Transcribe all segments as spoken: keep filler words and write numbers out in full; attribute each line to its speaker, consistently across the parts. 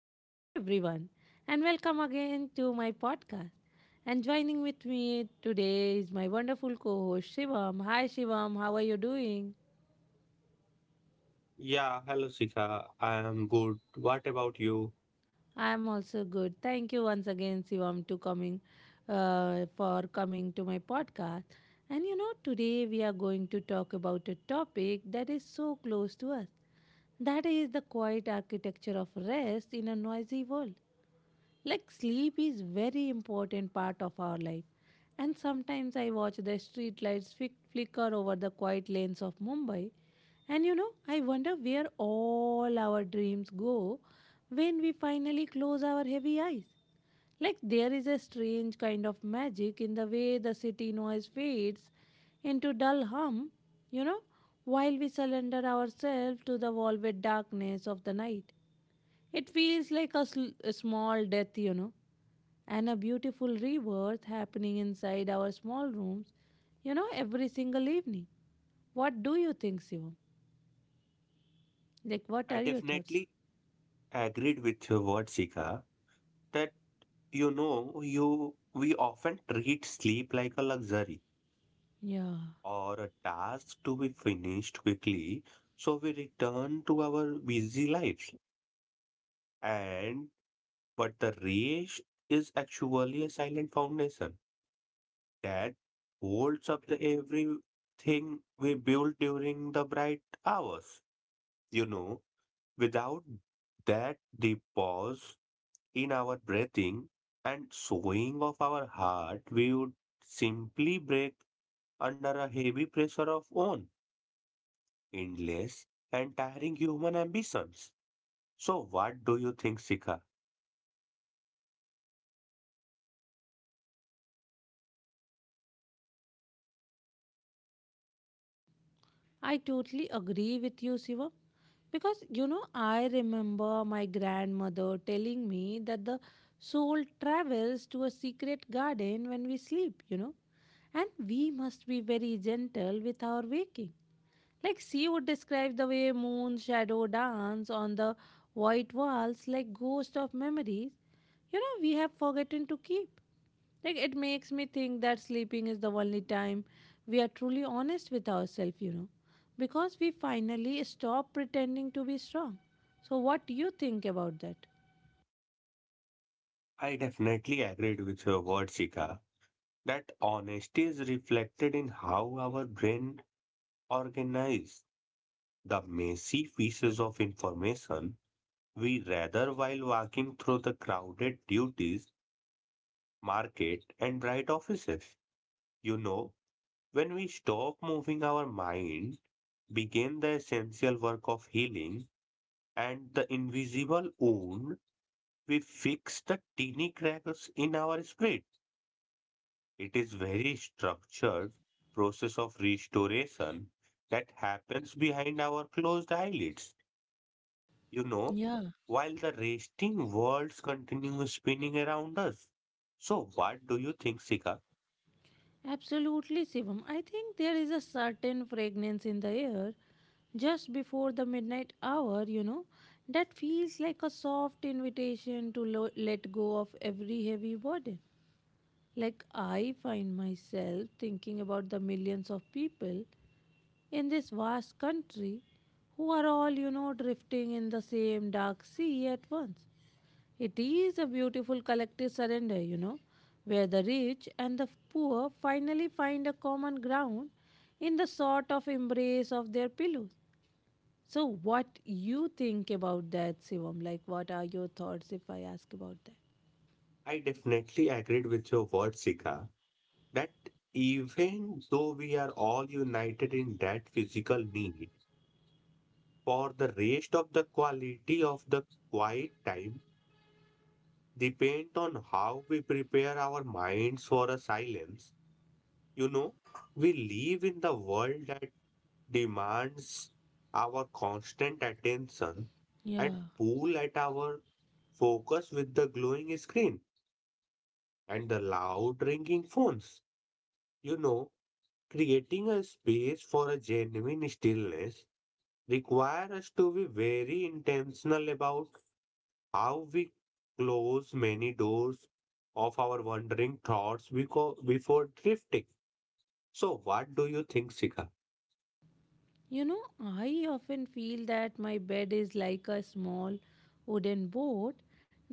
Speaker 1: Hello, everyone, and welcome again to my podcast. And joining with me today is my wonderful co host Shivam. Hi, Shivam, how are you doing?
Speaker 2: Yeah, hello Sika. I am good. What about you?
Speaker 1: I'm also good. Thank you once again, Shivam, to coming uh, for coming to my podcast. And you know, today we are going to talk about a topic that is so close to us. That is the quiet architecture of rest in a noisy world. Like sleep is very important part of our life. And sometimes I watch the street lights flick- flicker over the quiet lanes of Mumbai. And you know, I wonder where all our dreams go when we finally close our heavy eyes. Like there is a strange kind of magic in the way the city noise fades into dull hum, you know, while we surrender ourselves to the velvet darkness of the night. It feels like a, sl- a small death, you know, and a beautiful rebirth happening inside our small rooms, you know, every single evening. What do you think, Shivam? Like, what
Speaker 2: I
Speaker 1: are your thoughts?
Speaker 2: definitely agreed with your word, Sika, that you know, you we often treat sleep like a luxury
Speaker 1: Yeah,
Speaker 2: or a task to be finished quickly, so we return to our busy lives. And but the rest is actually a silent foundation that holds up the everything we built during the bright hours, you know. Without that deep pause in our breathing and sowing of our heart, we would simply break under a heavy pressure of own endless and tiring human ambitions. So, what do you think, Sika?
Speaker 1: I totally agree with you, Shivam. Because, you know, I remember my grandmother telling me that the soul travels to a secret garden when we sleep, you know, and we must be very gentle with our waking. Like she would describe the way moon shadow dance on the white walls like ghosts of memories, you know, we have forgotten to keep. Like it makes me think that sleeping is the only time we are truly honest with ourselves, you know, because we finally stop pretending to be strong. So, what do you think about that?
Speaker 2: I definitely agreed with your word, Sika, that honesty is reflected in how our brain organizes the messy pieces of information we rather while walking through the crowded duties market, and bright offices. You know, when we stop moving our minds, begin the essential work of healing and the invisible wound, we fix the teeny cracks in our spirit. It is very structured process of restoration that happens behind our closed eyelids. You know,
Speaker 1: Yeah,
Speaker 2: while the resting worlds continue spinning around us. So, what do you think, Sika?
Speaker 1: absolutely, Shivam. I think there is a certain fragrance in the air just before the midnight hour, you know, that feels like a soft invitation to lo- let go of every heavy burden. Like, I find myself thinking about the millions of people in this vast country who are all, you know, drifting in the same dark sea at once. It is a beautiful collective surrender, you know, where the rich and the poor finally find a common ground in the sort of embrace of their pillows. So, what you think about that, Sivam? Like, what are your thoughts if I ask about that?
Speaker 2: I definitely agreed with your word, Sika, that even though we are all united in that physical need, for the rest of the quality of the quiet time depend on how we prepare our minds for a silence. You know, we live in the world that demands our constant attention and
Speaker 1: Yeah.
Speaker 2: pull at our focus with the glowing screen and the loud ringing phones. You know, creating a space for a genuine stillness requires us to be very intentional about how we close many doors of our wandering thoughts beco- before drifting. So, what do you think, Sika?
Speaker 1: You know, I often feel that my bed is like a small wooden boat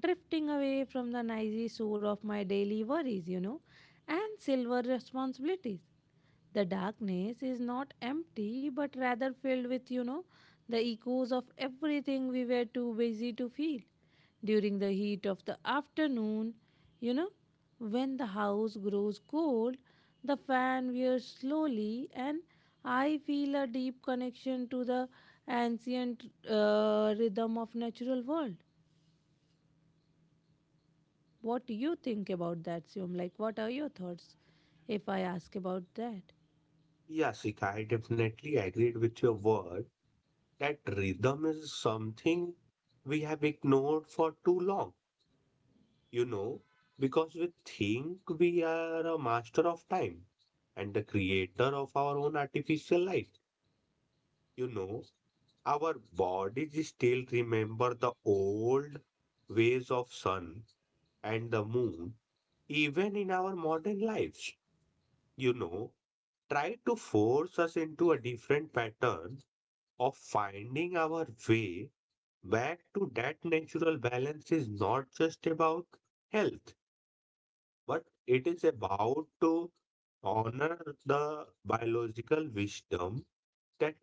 Speaker 1: drifting away from the noisy shore of my daily worries, you know, and silver responsibilities. The darkness is not empty, but rather filled with, you know, the echoes of everything we were too busy to feel. During the heat of the afternoon, you know, when the house grows cold, the fan wears slowly, and I feel a deep connection to the ancient uh, rhythm of natural world. What do you think about that, Siom? Like, what are your thoughts if I ask about that?
Speaker 2: Yeah, Sika, I definitely agreed with your word that rhythm is something we have ignored for too long, you know, because we think we are a master of time and the creator of our own artificial life. You know, our bodies still remember the old ways of sun and the moon even in our modern lives, you know, try to force us into a different pattern of finding our way back to that natural balance is not just about health but it is about to honor the biological wisdom that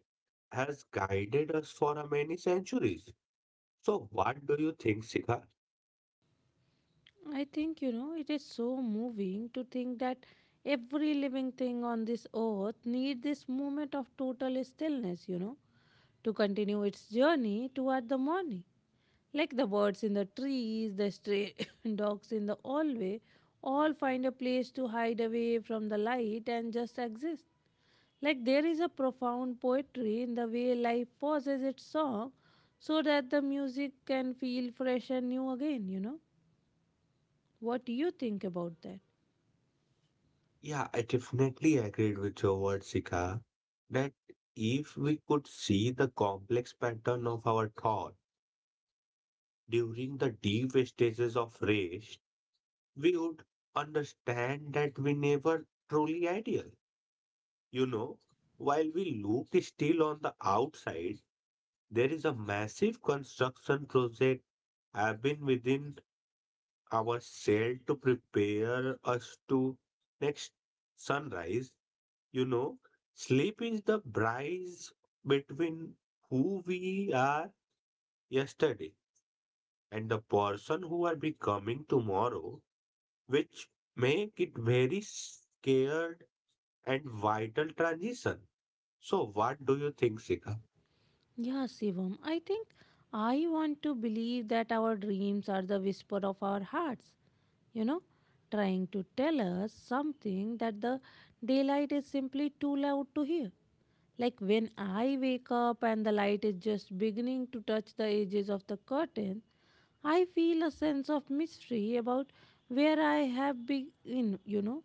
Speaker 2: has guided us for many centuries. So, what do you think, Sika?
Speaker 1: I think, you know, it is so moving to think that every living thing on this earth need this moment of total stillness, you know, to continue its journey toward the morning. Like the birds in the trees, the stray dogs in the hallway, all find a place to hide away from the light and just exist. Like there is a profound poetry in the way life pauses its song so that the music can feel fresh and new again, you know. What do you think about that?
Speaker 2: Yeah, I definitely agreed with your word, Sika, that if we could see the complex pattern of our thought during the deep stages of rest, we would understand that we never truly ideal. You know, while we look still on the outside, there is a massive construction project have been within our cell to prepare us to next sunrise. You know, sleep is the bridge between who we are yesterday and the person who are becoming tomorrow, which make it very scared and vital transition. So what do you think, Sika?
Speaker 1: Yeah, Shivam, I think I want to believe that our dreams are the whisper of our hearts, you know, trying to tell us something that the daylight is simply too loud to hear. Like when I wake up and the light is just beginning to touch the edges of the curtain, I feel a sense of mystery about where I have been, you know.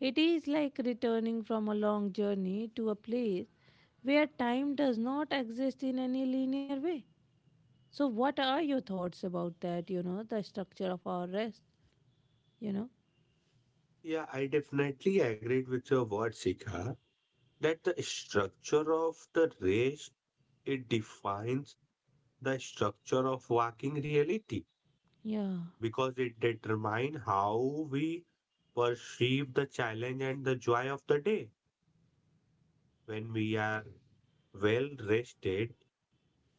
Speaker 1: It is like returning from a long journey to a place where time does not exist in any linear way. So, what are your thoughts about that? You know, the structure of our rest, you know?
Speaker 2: Yeah, I definitely agreed with your word, Sika, that the structure of the race it defines the structure of walking reality,
Speaker 1: Yeah,
Speaker 2: because it determines how we perceive the challenge and the joy of the day. When we are well rested,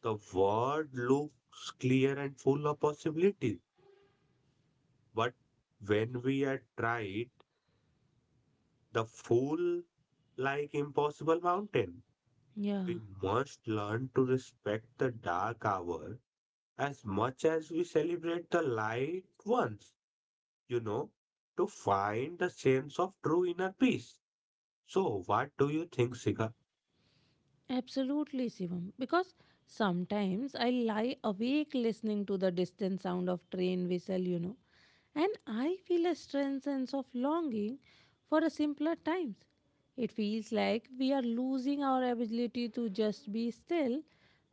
Speaker 2: the world looks clear and full of possibilities. But when we are tried, the full like impossible mountain.
Speaker 1: yeah.
Speaker 2: We must learn to respect the dark hour as much as we celebrate the light ones, you know, to find the sense of true inner peace. So, what do you think, Sika?
Speaker 1: Absolutely, Shivam. Because sometimes I lie awake listening to the distant sound of train whistle, you know, and I feel a strange sense of longing for a simpler times. It feels like we are losing our ability to just be still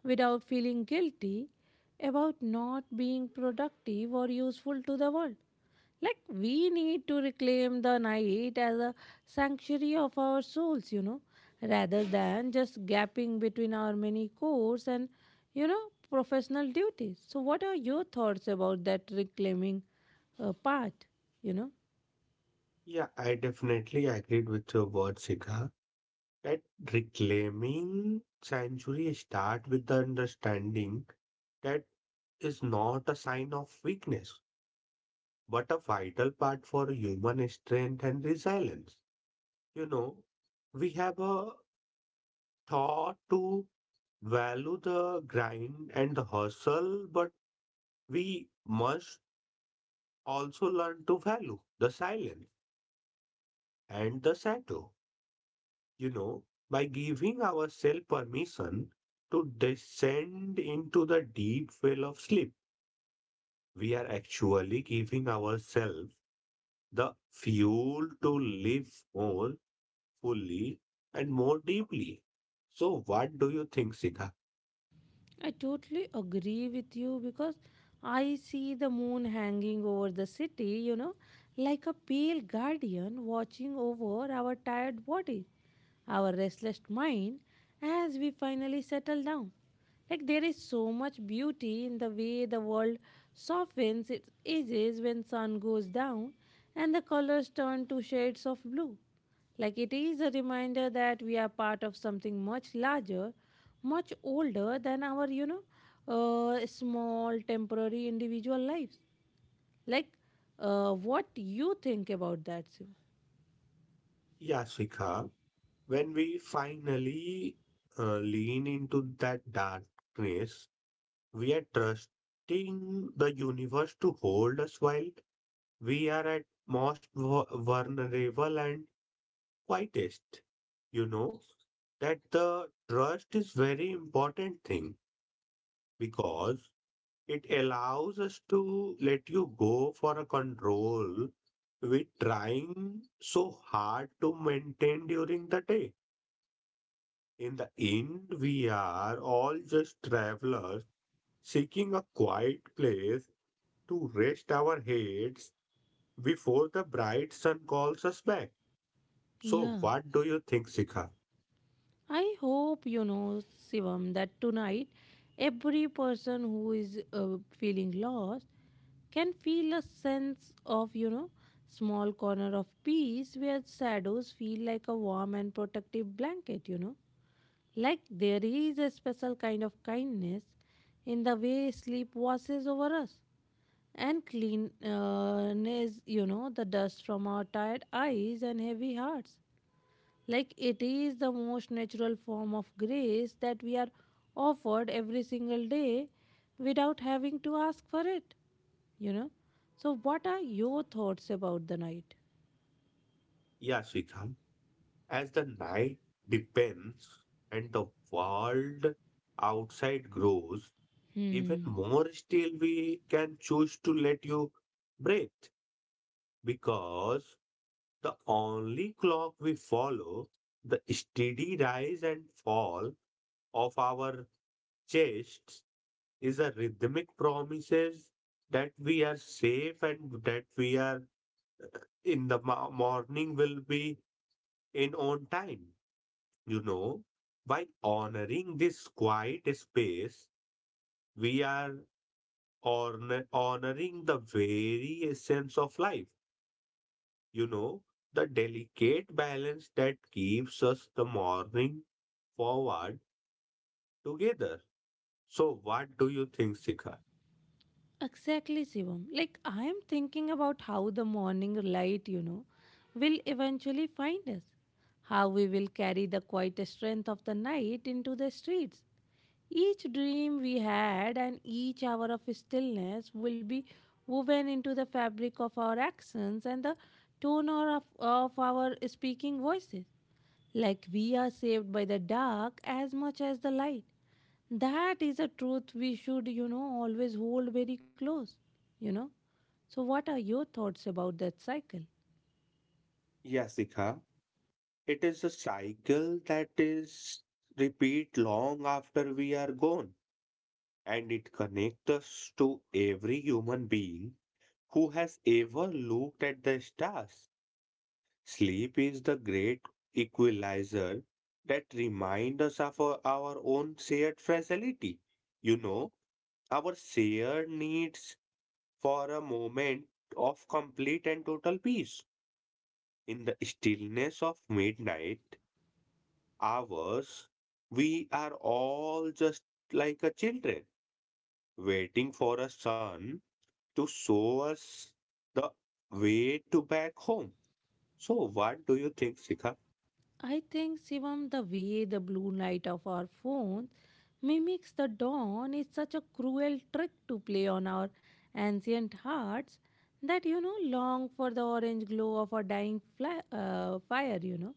Speaker 1: without feeling guilty about not being productive or useful to the world. Like, we need to reclaim the night as a sanctuary of our souls, you know, rather than just gapping between our many chores and, you know, professional duties. So, what are your thoughts about that reclaiming uh, part, you know?
Speaker 2: Yeah, I definitely agreed with your word, Sika, that reclaiming sanctuary start with the understanding that is not a sign of weakness, but a vital part for human strength and resilience. You know, we have a thought to value the grind and the hustle, but we must also learn to value the silence and the shadow. You know, by giving ourselves permission to descend into the deep well of sleep, we are actually giving ourselves the fuel to live more fully and more deeply. So, what do you think, Sikha?
Speaker 1: I totally agree with you because I see the moon hanging over the city, you know, like a pale guardian watching over our tired bodies, our restless mind as we finally settle down. Like there is so much beauty in the way the world softens its edges when sun goes down and the colors turn to shades of blue. Like it is a reminder that we are part of something much larger, much older than our, you know, uh, small temporary individual lives. Like uh, what you think about that, Shiva?
Speaker 2: Yeah, Sikha, when we finally uh, lean into that darkness, we are trusting the universe to hold us while we are at most vu- vulnerable and quietest. You know that the trust is very important thing because it allows us to let you go for a control we trying so hard to maintain during the day. In the end, we are all just travelers seeking a quiet place to rest our heads before the bright sun calls us back. So,
Speaker 1: Yeah.
Speaker 2: what do you think, Sikha?
Speaker 1: I hope you know, Sivam, that tonight every person who is uh, feeling lost can feel a sense of, you know, small corner of peace where shadows feel like a warm and protective blanket, you know. Like there is a special kind of kindness in the way sleep washes over us and clean, uh, you know, the dust from our tired eyes and heavy hearts. Like it is the most natural form of grace that we are offered every single day without having to ask for it, you know. So, what are your thoughts about the night?
Speaker 2: Yeah, Sikha, as the night deepens and the world outside grows, even
Speaker 1: Hmm.
Speaker 2: more still we can choose to let you breathe, because the only clock we follow, the steady rise and fall of our chests, is a rhythmic promises that we are safe and that we are in the mo- morning will be in on time. You know, by honoring this quiet space, we are honor- honoring the very essence of life. You know, the delicate balance that keeps us the morning forward together. So, what do you think, Sika?
Speaker 1: Exactly, Shivam. Like, I am thinking about how the morning light, you know, will eventually find us. How we will carry the quiet strength of the night into the streets. Each dream we had and each hour of stillness will be woven into the fabric of our actions and the tone or of, of our speaking voices. Like we are saved by the dark as much as the light. That is a truth we should, you know, always hold very close, you know. So, what are your thoughts about that cycle?
Speaker 2: Yasika, it is a cycle that is repeat long after we are gone, and it connects us to every human being who has ever looked at the stars. Sleep is the great equalizer that reminds us of our, our own shared fragility. You know, our shared needs for a moment of complete and total peace. In the stillness of midnight hours, we are all just like a children waiting for a sun to show us the way to back home. So, what do you think, Sikha?
Speaker 1: I think, Shivam, the way the blue light of our phones mimics the dawn is such a cruel trick to play on our ancient hearts that, you know, long for the orange glow of a dying fly, uh, fire, you know.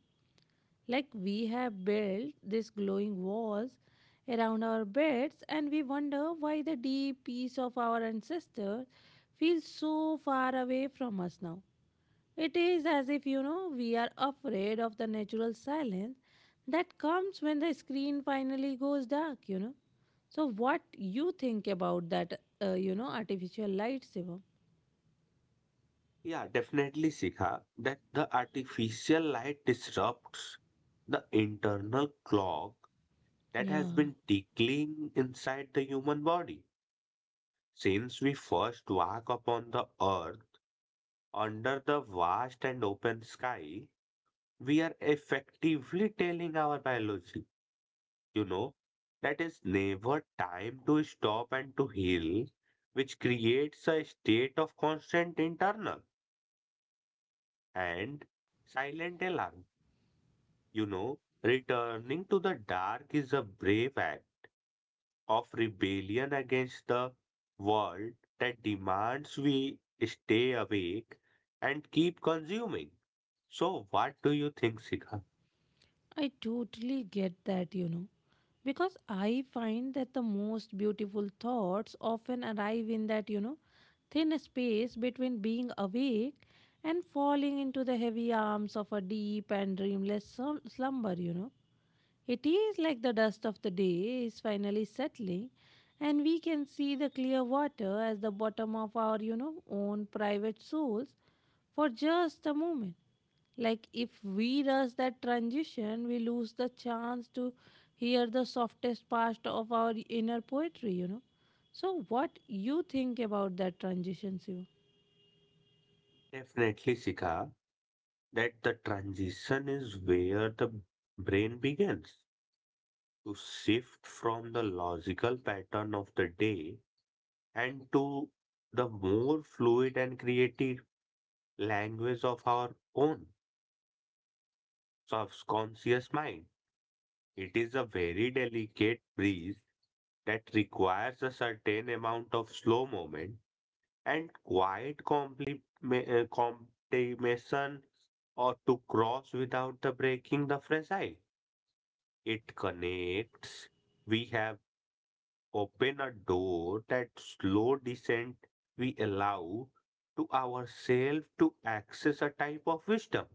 Speaker 1: Like we have built these glowing walls around our beds and we wonder why the deep peace of our ancestors feels so far away from us now. It is as if, you know, we are afraid of the natural silence that comes when the screen finally goes dark, you know. So what you think about that, uh, you know, artificial light, Shivam?
Speaker 2: Yeah, definitely, Sikha, that the artificial light disrupts the internal clock that has
Speaker 1: Yeah,
Speaker 2: been tickling inside the human body since we first walk upon the earth. Under the vast and open sky, we are effectively telling our biology, you know, that is never time to stop and to heal, which creates a state of constant internal and silent alarm. You know, returning to the dark is a brave act of rebellion against the world that demands we stay awake and keep consuming. So, what do you think, Sika?
Speaker 1: I totally get that, you know, because I find that the most beautiful thoughts often arrive in that, you know, thin space between being awake and falling into the heavy arms of a deep and dreamless slum- slumber, you know. It is like the dust of the day is finally settling, and we can see the clear water as the bottom of our, you know, own private souls for just a moment. Like if we rush that transition, we lose the chance to hear the softest part of our inner poetry, you know. So, what you think about that transition, Shiva?
Speaker 2: Definitely, Sika, that the transition is where the brain begins to shift from the logical pattern of the day and to the more fluid and creative language of our own subconscious mind. It is a very delicate breeze that requires a certain amount of slow movement and quiet compliment, uh, comptimation or to cross without the breaking the fragile. It connects. We have opened a door that slow descent we allow to ourselves to access a type of wisdom,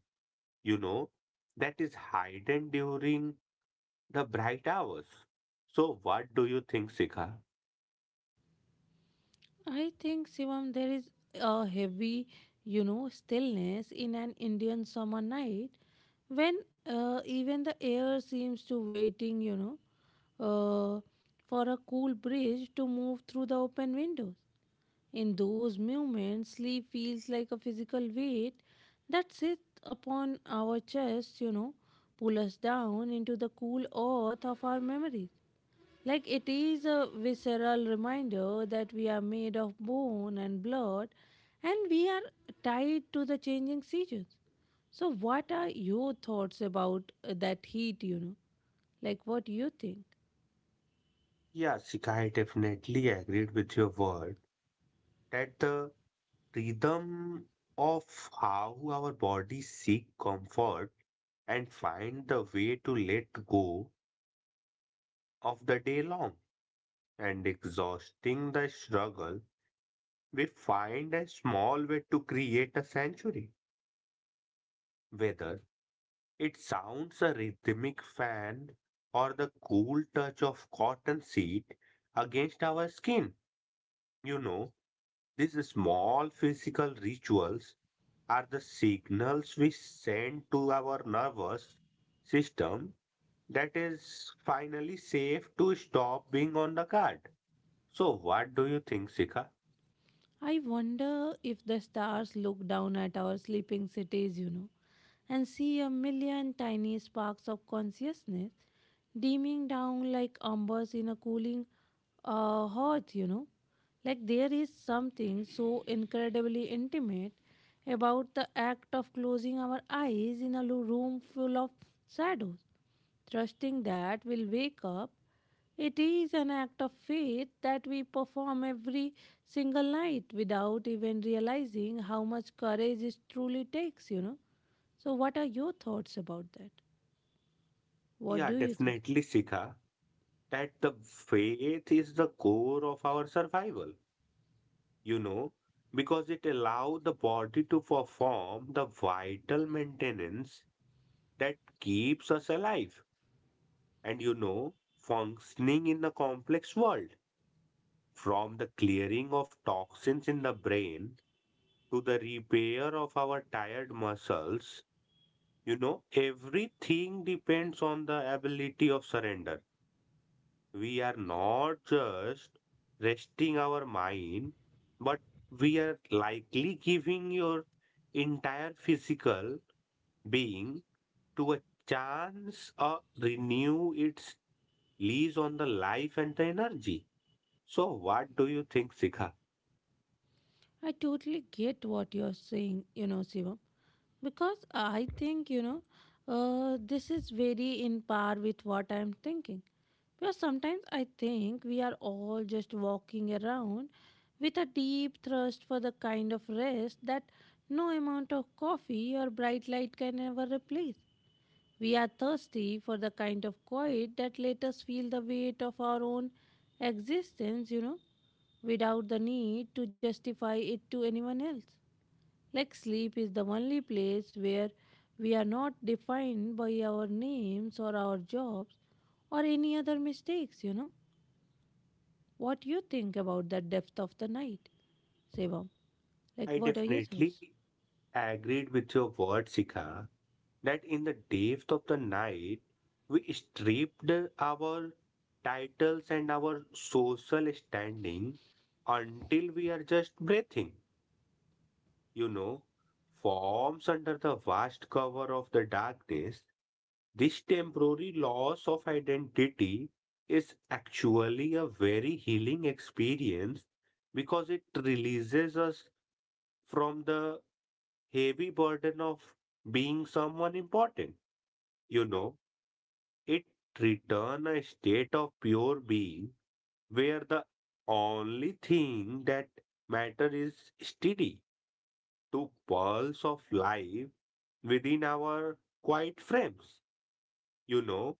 Speaker 2: you know, that is hidden during the bright hours. So what do you think, Sikha?
Speaker 1: I think, Shivam, there is a heavy, you know, stillness in an Indian summer night when uh, even the air seems to waiting, you know, uh, for a cool breeze to move through the open windows. In those moments, sleep feels like a physical weight that sits upon our chest, you know, pull us down into the cool earth of our memories. Like it is a visceral reminder that we are made of bone and blood and we are tied to the changing seasons. So, what are your thoughts about uh, that heat, you know? Like, what do you think?
Speaker 2: Yeah, Sikha, I definitely agreed with your word that the rhythm of how our bodies seek comfort and find the way to let go of the day long and exhausting the struggle, we find a small way to create a sanctuary. Whether it sounds a rhythmic fan or the cool touch of cotton seed against our skin, you know, these small physical rituals are the signals we send to our nervous system that is finally safe to stop being on the guard. So, what do you think, Sika?
Speaker 1: I wonder if the stars look down at our sleeping cities, you know, and see a million tiny sparks of consciousness dimming down like embers in a cooling uh, hearth, you know. Like there is something so incredibly intimate about the act of closing our eyes in a lo- room full of shadows, trusting that we'll wake up. It is an act of faith that we perform every single night without even realizing how much courage it truly takes, you know. So, what are your thoughts about that? What
Speaker 2: Yeah,
Speaker 1: do you think?
Speaker 2: definitely, Sika, that the faith is the core of our survival, you know, because it allows the body to perform the vital maintenance that keeps us alive and, you know, functioning in the complex world. From the clearing of toxins in the brain to the repair of our tired muscles, you know, everything depends on the ability of surrender. We are not just resting our mind, but we are likely giving your entire physical being to a chance uh, renew its lease on the life and the energy. So, what do you think, Sikha?
Speaker 1: I totally get what you're saying, you know, Shivam, because I think, you know, uh, this is very in par with what I'm thinking. Because sometimes I think we are all just walking around with a deep thirst for the kind of rest that no amount of coffee or bright light can ever replace. We are thirsty for the kind of quiet that let us feel the weight of our own existence, you know, without the need to justify it to anyone else. Like sleep is the only place where we are not defined by our names or our jobs or any other mistakes, you know. What you think about the depth of the night, Shivam? Like
Speaker 2: I
Speaker 1: what are your thoughts?
Speaker 2: definitely agreed with your word, Sika, that in the depth of the night, we stripped our titles and our social standing until we are just breathing, you know, forms under the vast cover of the darkness. This temporary loss of identity is actually a very healing experience because it releases us from the heavy burden of being someone important. You know, it return a state of pure being where the only thing that matter is steady to pulse of life within our quiet frames. You know,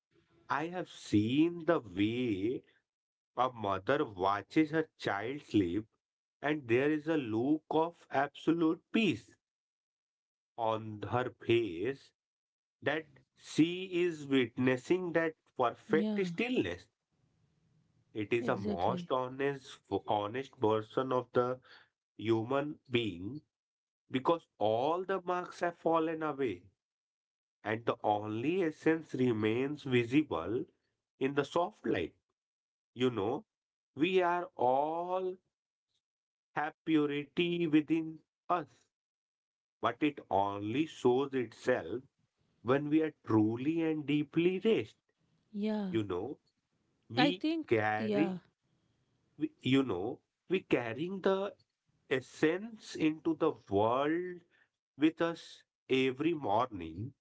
Speaker 2: I have seen the way a mother watches her child sleep and there is a look of absolute peace on her face that she is witnessing that perfect
Speaker 1: Yeah,
Speaker 2: stillness. It is a
Speaker 1: exactly.
Speaker 2: most honest, honest version of the human being because all the marks have fallen away and the only essence remains visible in the soft light. You know, we are all have purity within us, but it only shows itself when we are truly and deeply raised.
Speaker 1: Yeah.
Speaker 2: You know,
Speaker 1: I
Speaker 2: we
Speaker 1: think
Speaker 2: carry
Speaker 1: yeah,
Speaker 2: we, you know, we carrying the essence into the world with us every morning,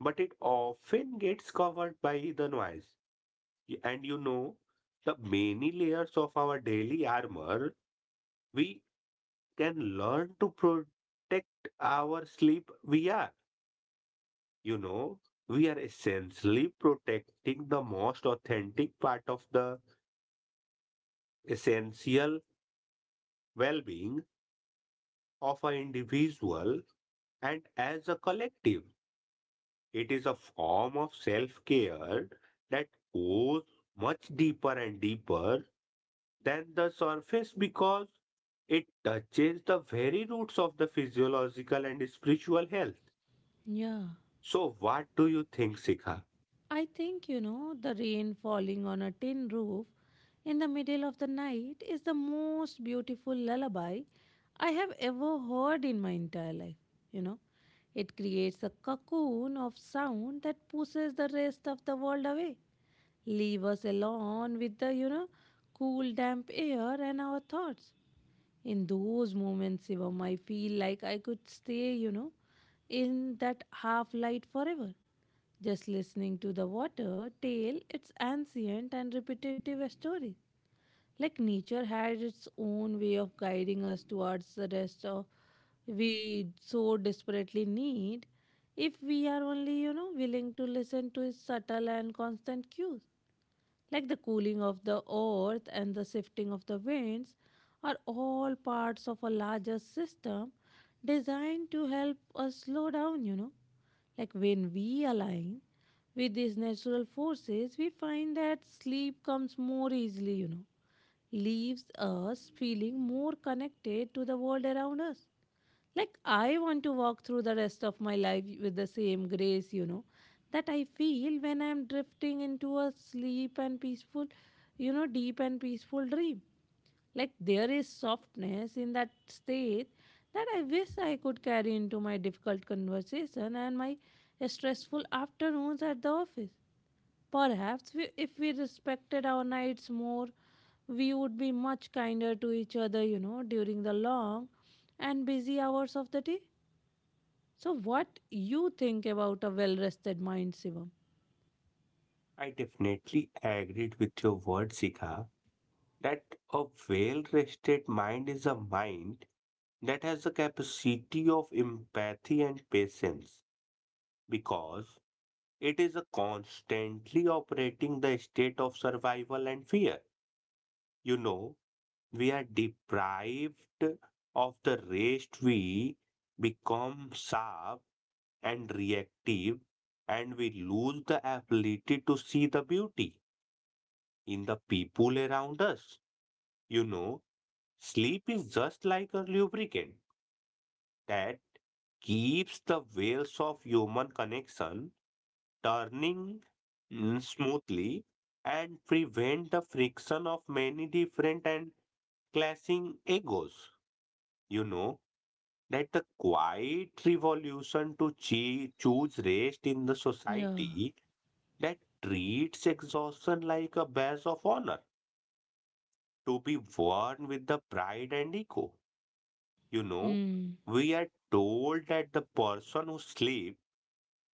Speaker 2: but it often gets covered by the noise. Y- And you know, the many layers of our daily armor, we can learn to protect our sleep. We are, you know, we are essentially protecting the most authentic part of the essential well being of an individual. And as a collective, it is a form of self care that goes much deeper and deeper than the surface because it touches the very roots of the physiological and spiritual health.
Speaker 1: yeah.
Speaker 2: So, what do you think, Sikha?
Speaker 1: I think, you know, the rain falling on a tin roof in the middle of the night is the most beautiful lullaby I have ever heard in my entire life. You know, it creates a cocoon of sound that pushes the rest of the world away. Leave us alone with the, you know, cool, damp air and our thoughts. In those moments, Shivam, I feel like I could stay, you know, in that half light forever. Just listening to the water tell its ancient and repetitive story. Like nature had its own way of guiding us towards the rest of we so desperately need if we are only, you know, willing to listen to its subtle and constant cues like the cooling of the earth and the shifting of the winds, are all parts of a larger system designed to help us slow down, you know. Like when we align with these natural forces, we find that sleep comes more easily, you know, leaves us feeling more connected to the world around us. Like, I want to walk through the rest of my life with the same grace, you know, that I feel when I'm drifting into a sleep and peaceful, you know, deep and peaceful dream. Like, there is softness in that state that I wish I could carry into my difficult conversation and my stressful afternoons at the office. Perhaps we, if we respected our nights more, we would be much kinder to each other, you know, during the long and busy hours of the day. So, what you think about a well-rested mind, Shivam?
Speaker 2: I definitely agreed with your word, Sikha, that a well rested mind is a mind that has a capacity of empathy and patience, because it is a constantly operating the state of survival and fear. You know, we are deprived of the rest, we become sharp and reactive, and we lose the ability to see the beauty in the people around us. You know, sleep is just like a lubricant that keeps the wheels of human connection turning, mm, smoothly and prevent the friction of many different and clashing egos. You know that the quiet revolution to chee- choose rest in the
Speaker 1: Yeah.
Speaker 2: society that treats exhaustion like a badge of honor to be worn with the pride and ego. You know,
Speaker 1: Hmm.
Speaker 2: we are told that the person who sleeps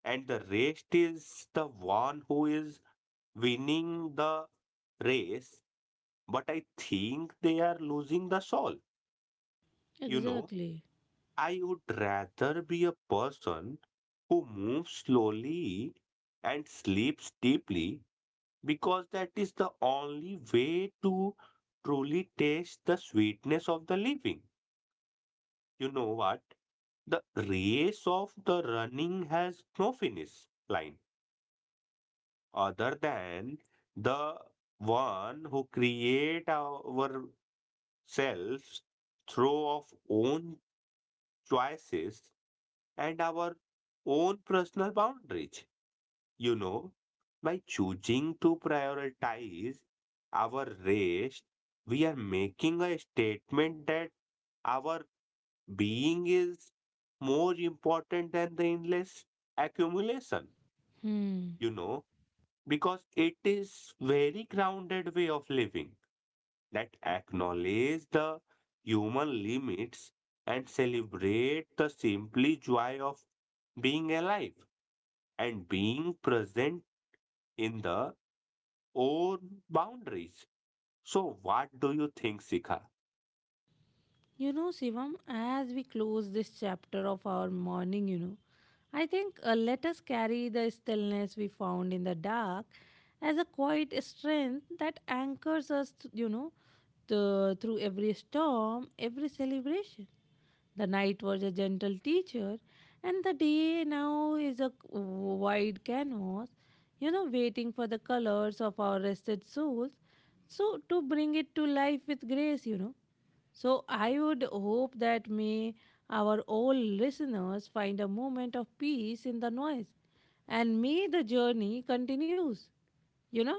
Speaker 2: and the rest is the one who is winning the race, but I think they are losing the soul. You know,
Speaker 1: Exactly.
Speaker 2: I would rather be a person who moves slowly and sleeps deeply because that is the only way to truly taste the sweetness of the living. You know what? The race of the running has no finish line other than the one who create ourselves through our own choices and our own personal boundaries. You know, by choosing to prioritize our rest, we are making a statement that our being is more important than the endless accumulation.
Speaker 1: Hmm.
Speaker 2: You know, because it is very grounded way of living that acknowledge the human limits and celebrate the simply joy of being alive and being present in the own boundaries. So what do you think, Sikha?
Speaker 1: You know, Shivam, as we close this chapter of our morning, you know, I think uh, let us carry the stillness we found in the dark as a quiet strength that anchors us, th- you know, th- through every storm, every celebration. The night was a gentle teacher, and the day now is a c- wide canvas, you know, waiting for the colors of our rested souls. So, to bring it to life with grace, you know. So I would hope that may our all listeners find a moment of peace in the noise and may the journey continues you know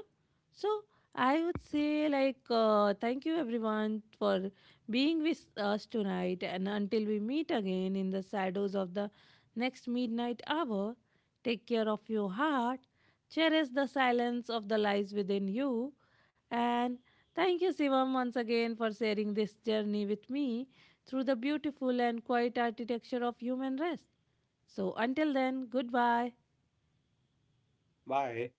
Speaker 1: so I would say like uh, thank you everyone for being with us tonight, and until we meet again in the shadows of the next midnight hour, take care of your heart, cherish the silence of the lies within you, and thank you Sivam once again for sharing this journey with me through the beautiful and quiet architecture of human rest. So until then, goodbye.
Speaker 2: Bye.